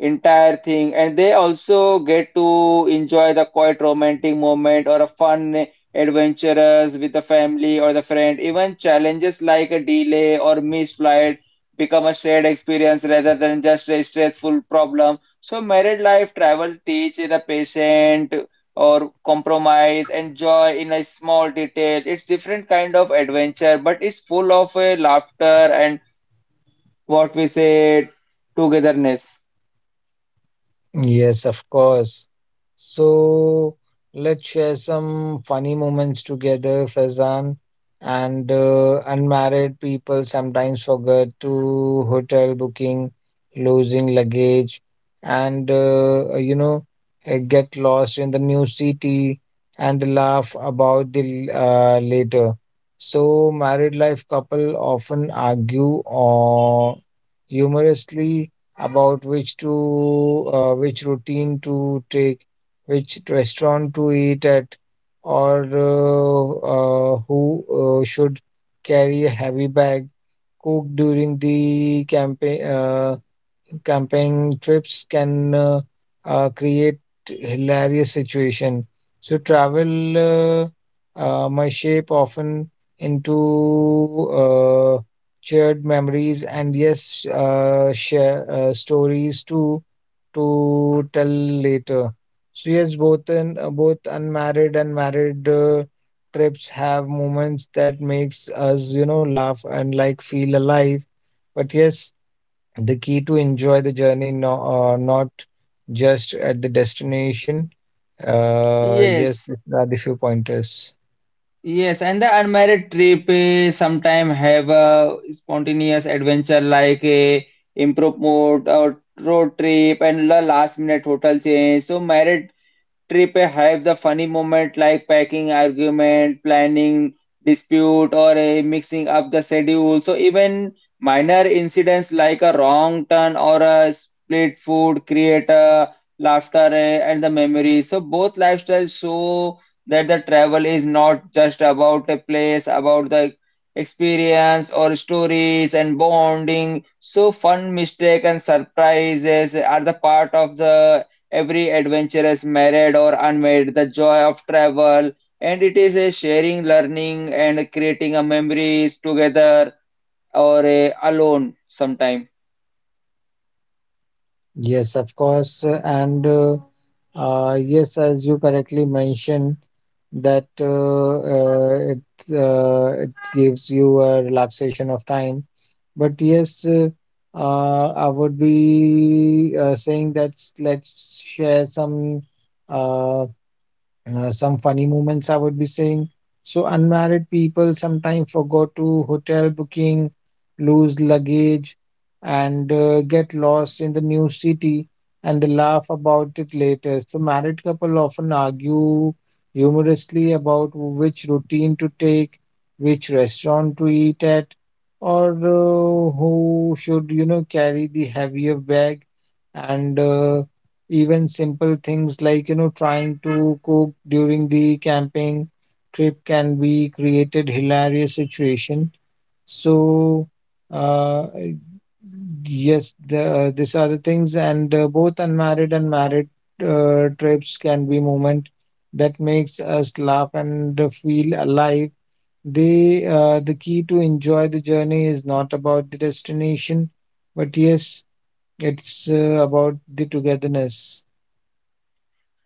[SPEAKER 1] entire thing, and they also get to enjoy the quiet romantic moment or a fun adventures with the family or the friend. Even challenges like a delay or missed flight become a shared experience rather than just a stressful problem. So married life travel teach the patient or compromise and joy in a small detail. It's different kind of adventure, but it's full of laughter and what we say togetherness.
[SPEAKER 3] Yes, of course. So let's share some funny moments together, Faizan. And unmarried people sometimes forget to hotel booking, losing luggage, and you know, get lost in the new city and laugh about the later. So married life couple often argue or humorously about which routine to take, which restaurant to eat at, or who should carry a heavy bag, cook during the campaign. Camping trips can create hilarious situation. So travel my shape often into uh, shared memories and yes, share stories too to tell later. So yes, both unmarried and married trips have moments that makes us you know laugh and like feel alive. But yes, the key to enjoy the journey, no, not just at the destination. Yes,
[SPEAKER 1] Yes.
[SPEAKER 3] these are the few pointers.
[SPEAKER 1] Yes, and the unmarried trip eh, sometime have a spontaneous adventure like a impromptu mode or road trip and the last minute hotel change. So married trip a have the funny moment like packing argument, planning dispute, or a mixing up the schedule. So even minor incidents like a wrong turn or a split food create a laughter eh, and the memory. So both lifestyles show that the travel is not just about a place, about the experience or stories and bonding. So fun, mistake, and surprises are the part of the every adventure, is married or unmarried, the joy of travel, and it is a sharing, learning, and creating a memories together or a alone sometime.
[SPEAKER 3] Yes, of course. And yes, as you correctly mentioned, that it gives you a relaxation of time. But yes, I would be saying that let's share some. Uh, some funny moments I would be saying. So unmarried people sometimes forgot to hotel booking, lose luggage, and get lost in the new city, and they laugh about it later. So married couple often argue humorously about which routine to take, which restaurant to eat at, or who should you know carry the heavier bag, and even simple things like you know trying to cook during the camping trip can be created hilarious situation. So uh, yes, these are the things, and both unmarried and married trips can be moment that makes us laugh and feel alive. The key to enjoy the journey is not about the destination, but yes, it's about the togetherness.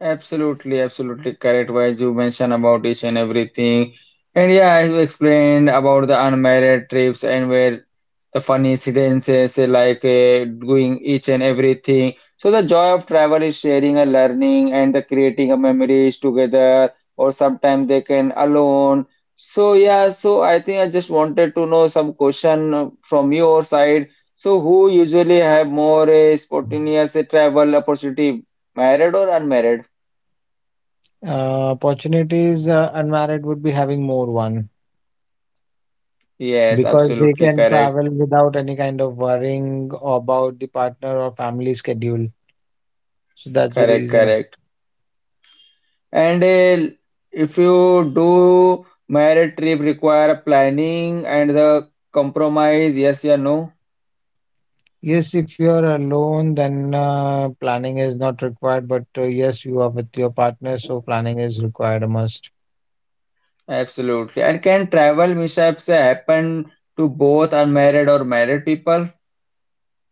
[SPEAKER 1] Absolutely, absolutely correct. Wise, you mentioned about each and everything. And yeah, I have explained about the unmarried trips and where the fun incidences eh, like doing each and everything. So the joy of travel is sharing a learning and the creating of memories together, or sometimes they can alone. So yeah, so I think I just wanted to know some question from your side. So who usually have more spontaneous eh, travel opportunity, married or unmarried?
[SPEAKER 3] Opportunities unmarried would be having more one
[SPEAKER 1] Yes,
[SPEAKER 3] because they
[SPEAKER 1] absolutely
[SPEAKER 3] can
[SPEAKER 1] correct,
[SPEAKER 3] travel without any kind of worrying about the partner or family schedule. So that's the
[SPEAKER 1] correct,
[SPEAKER 3] reason.
[SPEAKER 1] correct. And if you do merit trip require planning and the compromise, yes or no?
[SPEAKER 3] Yes, if you are alone, then planning is not required. But yes, you are with your partner, so planning is required a must.
[SPEAKER 1] Absolutely. And can travel mishaps happen to both unmarried or married people?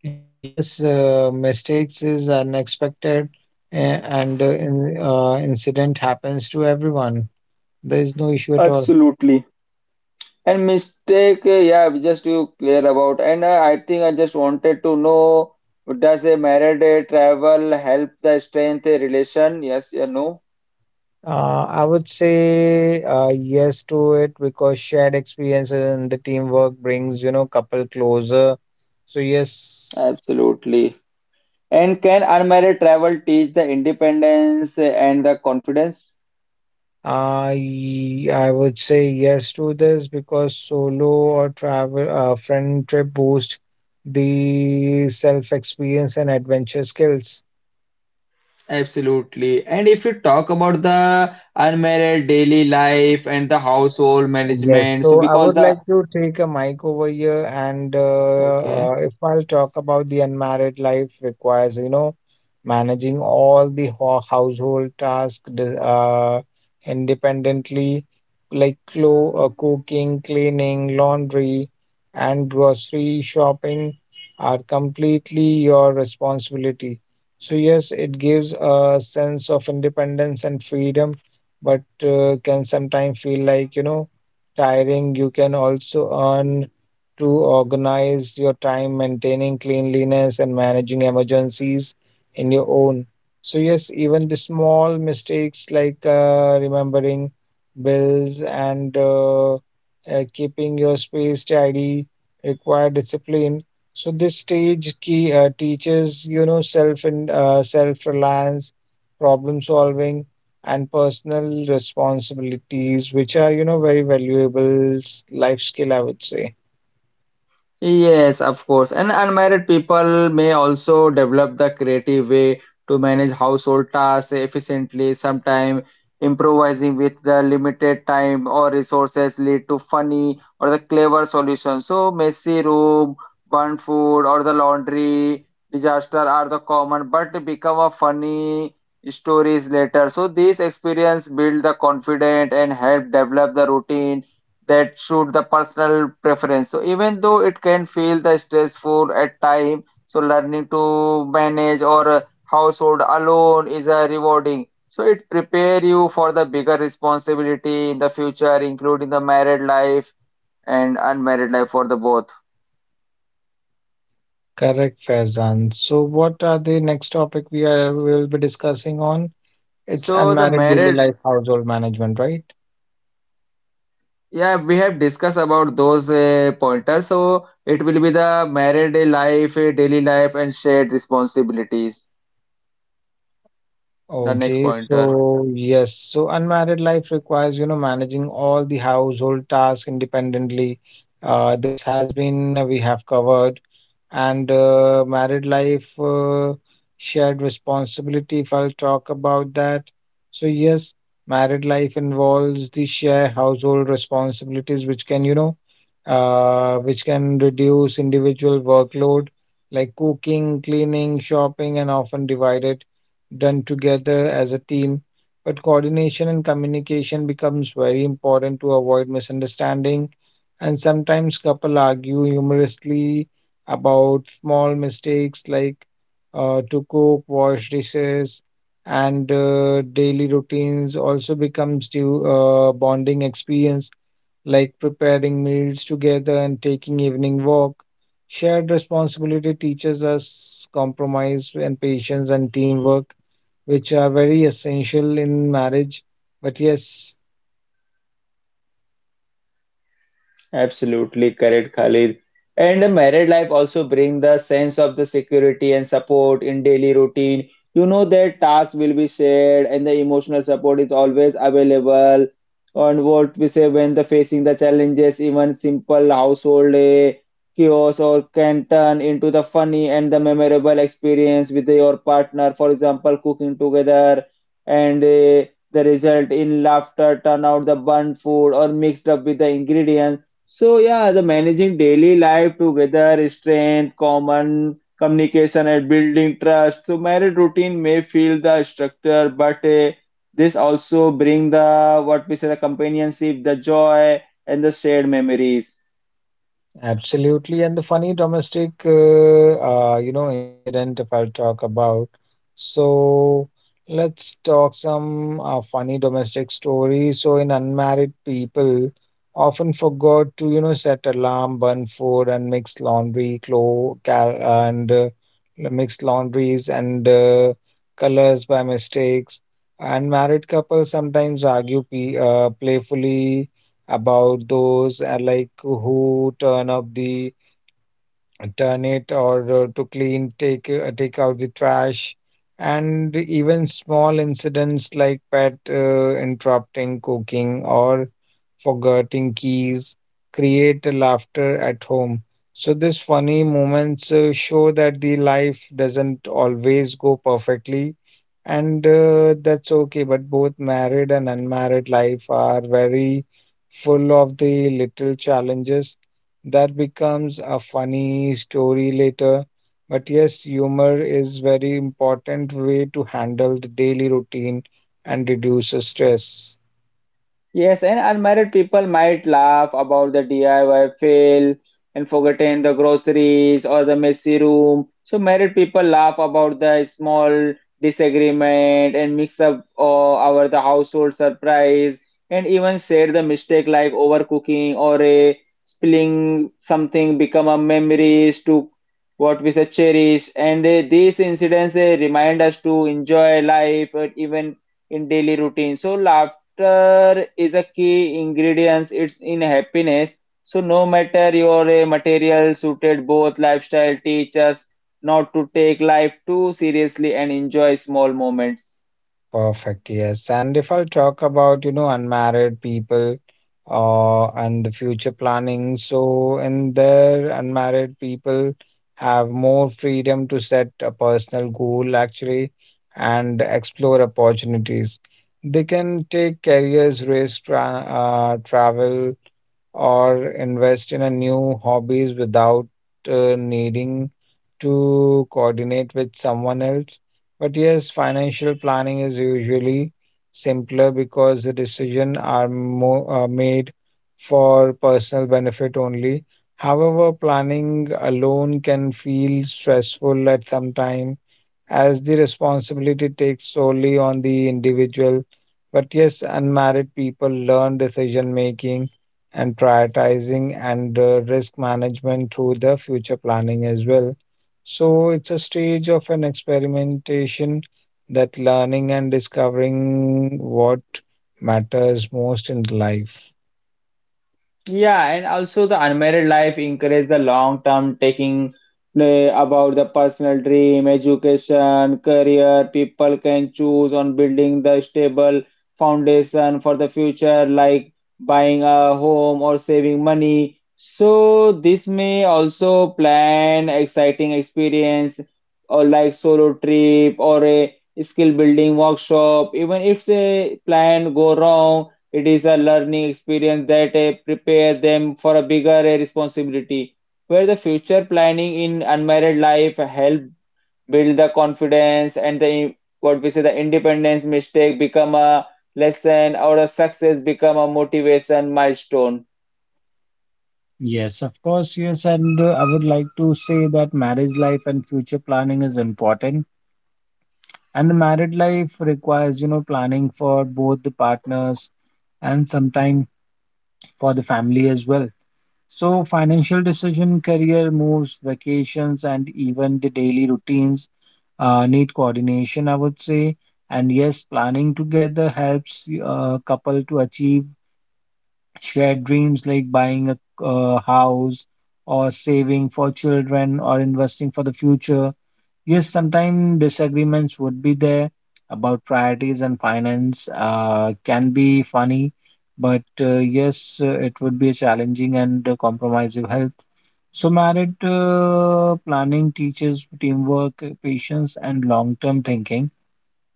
[SPEAKER 3] Yes, mistakes is unexpected, and incident happens to everyone. There is no issue at all.
[SPEAKER 1] Absolutely. And mistake, yeah, we just you clear about. And I think I just wanted to know, does a married travel help the strength a relation? Yes or no?
[SPEAKER 3] I would say yes to it because shared experiences and the teamwork brings, you know, couple closer. So yes,
[SPEAKER 1] Absolutely. And can unmarried travel teach the independence and the confidence?
[SPEAKER 3] I would say yes to this because solo or travel friend trip boost the self experience and adventure skills.
[SPEAKER 1] Absolutely. And if you talk about the unmarried daily life and the household
[SPEAKER 3] Yes,
[SPEAKER 1] management, so
[SPEAKER 3] so I
[SPEAKER 1] because
[SPEAKER 3] would
[SPEAKER 1] the
[SPEAKER 3] like to take a mic over here, and
[SPEAKER 1] okay.
[SPEAKER 3] if I'll talk about the unmarried life requires, you know, managing all the ho household tasks uh, independently, like clo cooking, cleaning, laundry, and grocery shopping are completely your responsibility. So yes, it gives a sense of independence and freedom, but can sometimes feel like, you know, tiring. You can also earn to organize your time, maintaining cleanliness, and managing emergencies in your own. So, yes, even the small mistakes like remembering bills and keeping your space tidy require discipline. So this stage key teaches you know self and self reliance, problem solving, and personal responsibilities, which are, you know, very valuable life skill, I would say.
[SPEAKER 1] Yes, of course. And unmarried people may also develop the creative way to manage household tasks efficiently. Sometimes improvising with the limited time or resources lead to funny or the clever solutions. So messy room, burnt food, or the laundry disaster are the common, but become a funny stories later. So these experience build the confidence and help develop the routine that suit the personal preference. So even though it can feel the stressful at time, so learning to manage or household alone is a rewarding. So it prepare you for the bigger responsibility in the future, including the married life and unmarried life for the both.
[SPEAKER 3] Correct, Faizan. So, what are the next topic we will be discussing on? It's
[SPEAKER 1] So the
[SPEAKER 3] unmarried daily
[SPEAKER 1] married,
[SPEAKER 3] life household management, right?
[SPEAKER 1] yeah, we have discussed about those pointers. So it will be the married life, daily life, and shared responsibilities. The next
[SPEAKER 3] Okay,
[SPEAKER 1] pointer.
[SPEAKER 3] so yes, so unmarried life requires, you know, managing all the household tasks independently. This has been we have covered, and married life, shared responsibility, if I'll talk about that. So, yes, married life involves the share household responsibilities, which can, you know, which can reduce individual workload like cooking, cleaning, shopping, and often divided done together as a team, but coordination and communication becomes very important to avoid misunderstanding. And sometimes couple argue humorously about small mistakes like to cook, wash dishes, and daily routines also becomes due bonding experience like preparing meals together and taking evening walk. Shared responsibility teaches us compromise and patience and teamwork, which are very essential in marriage. But yes,
[SPEAKER 1] Absolutely correct, Khalid. And a married life also bring the sense of the security and support in daily routine. You know that tasks will be shared and the emotional support is always available. And what we say when the facing the challenges, even simple household eh, chaos or can turn into the funny and the memorable experience with your partner. For example, cooking together and eh, the result in laughter, turn out the burnt food or mixed up with the ingredients, so yeah, the managing daily life together, strength, common communication, and building trust. So married routine may feel the structure, but this also bring the what we say the companionship, the joy, and the shared memories.
[SPEAKER 3] absolutely. And the funny domestic, you know, incident, if I'll talk about. So let's talk some funny domestic stories. So in unmarried people often forgot to, you know, set alarm, burn food, and mix laundry, clo cal and mix laundries and colors by mistakes. And married couples sometimes argue pe playfully about those like who turn up the turn it or to clean take take out the trash, and even small incidents like pet interrupting cooking or forgetting keys, create laughter at home. So these funny moments show that the life doesn't always go perfectly, and that's okay. But both married and unmarried life are very full of the little challenges that becomes a funny story later. But yes, humor is very important way to handle the daily routine and reduce the stress.
[SPEAKER 1] Yes, and unmarried people might laugh about the DIY fail and forgetting the groceries or the messy room. So married people laugh about the small disagreement and mix up our the household surprise and even share the mistake like overcooking or a spilling something become a memories to what we say cherish. And these incidents remind us to enjoy life even in daily routine. So laughter is a key ingredient it's in happiness. So no matter your material suited, both lifestyle teach us not to take life too seriously and enjoy small moments.
[SPEAKER 3] Perfect. Yes. And if I'll talk about, you know, unmarried people and the future planning, so in there, unmarried people have more freedom to set a personal goal actually and explore opportunities. They can take careers, risk, travel, or invest in a new hobbies without needing to coordinate with someone else. But yes, financial planning is usually simpler because the decision are more made for personal benefit only. However, planning alone can feel stressful at some time as the responsibility takes solely on the individual. But yes, unmarried people learn decision making and prioritizing and risk management through the future planning as well. So it's a stage of an experimentation that learning and discovering what matters most in life.
[SPEAKER 1] Yeah, and also the unmarried life encourages the long term taking uh, about the personal dream, education, career. People can choose on building the stable foundation for the future, like buying a home or saving money. So this may also plan exciting experience or like solo trip or a skill building workshop. Even if the plan go wrong, it is a learning experience that prepare them for a bigger responsibility, where the future planning in unmarried life help build the confidence and the what we say the independence mistake become a lesson or a success become a motivation milestone.
[SPEAKER 3] Yes, of course, yes. And I would like to say that marriage life and future planning is important. And the married life requires, you know, planning for both the partners and sometimes for the family as well. So, financial decision, career moves, vacations, and even the daily routines need coordination, I would say. And yes, planning together helps a couple to achieve shared dreams like buying a house or saving for children or investing for the future. Yes, sometimes disagreements would be there about priorities and finance, can be funny, but yes, it would be challenging and compromises health. So, married planning teaches teamwork, patience, and long-term thinking.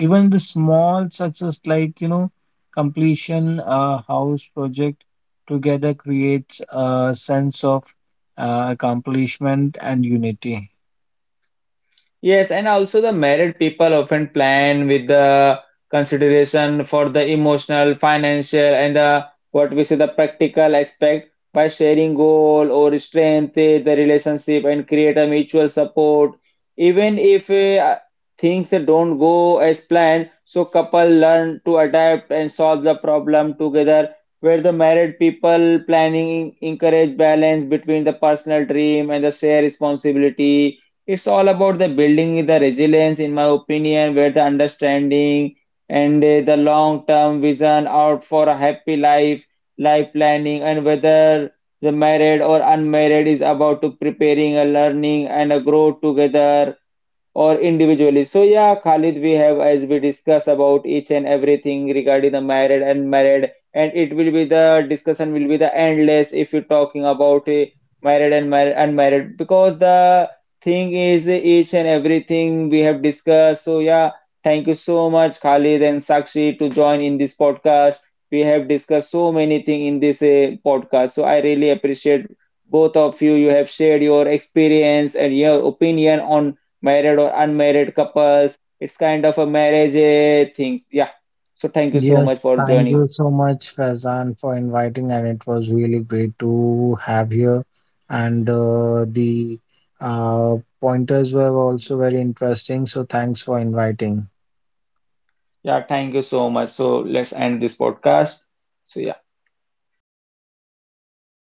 [SPEAKER 3] Even the small success, like you know, completion a house project together creates a sense of accomplishment and unity.
[SPEAKER 1] Yes, and also the married people often plan with the consideration for the emotional, financial, and the what we say the practical aspect by sharing goal or strengthen the relationship and create a mutual support. Even if things don't go as planned, so couple learn to adapt and solve the problem together. Where the married people planning encourage balance between the personal dream and the shared responsibility, it's all about the building the resilience in my opinion, where the understanding and the long term vision out for a happy life life planning and whether the married or unmarried is about to preparing a learning and a grow together or individually. So yeah, Khalid, we have as we discuss about each and everything regarding the married and married, and it will be the discussion will be the endless if you're talking about married and married unmarried because the thing is each and everything we have discussed. So yeah, thank you so much, Khalid and Sakshi, to join in this podcast. We have discussed so many things in this podcast. So I really appreciate both of you. You have shared your experience and your opinion on married or unmarried couples. It's kind of a marriage eh, things. Yeah. So thank you so
[SPEAKER 3] Yes,
[SPEAKER 1] much for
[SPEAKER 3] thank you
[SPEAKER 1] joining.
[SPEAKER 3] so much, Faizan, for inviting, and it was really great to have here. And the pointers were also very interesting, so thanks for inviting.
[SPEAKER 1] Yeah, thank you so much. So let's end this podcast. So yeah.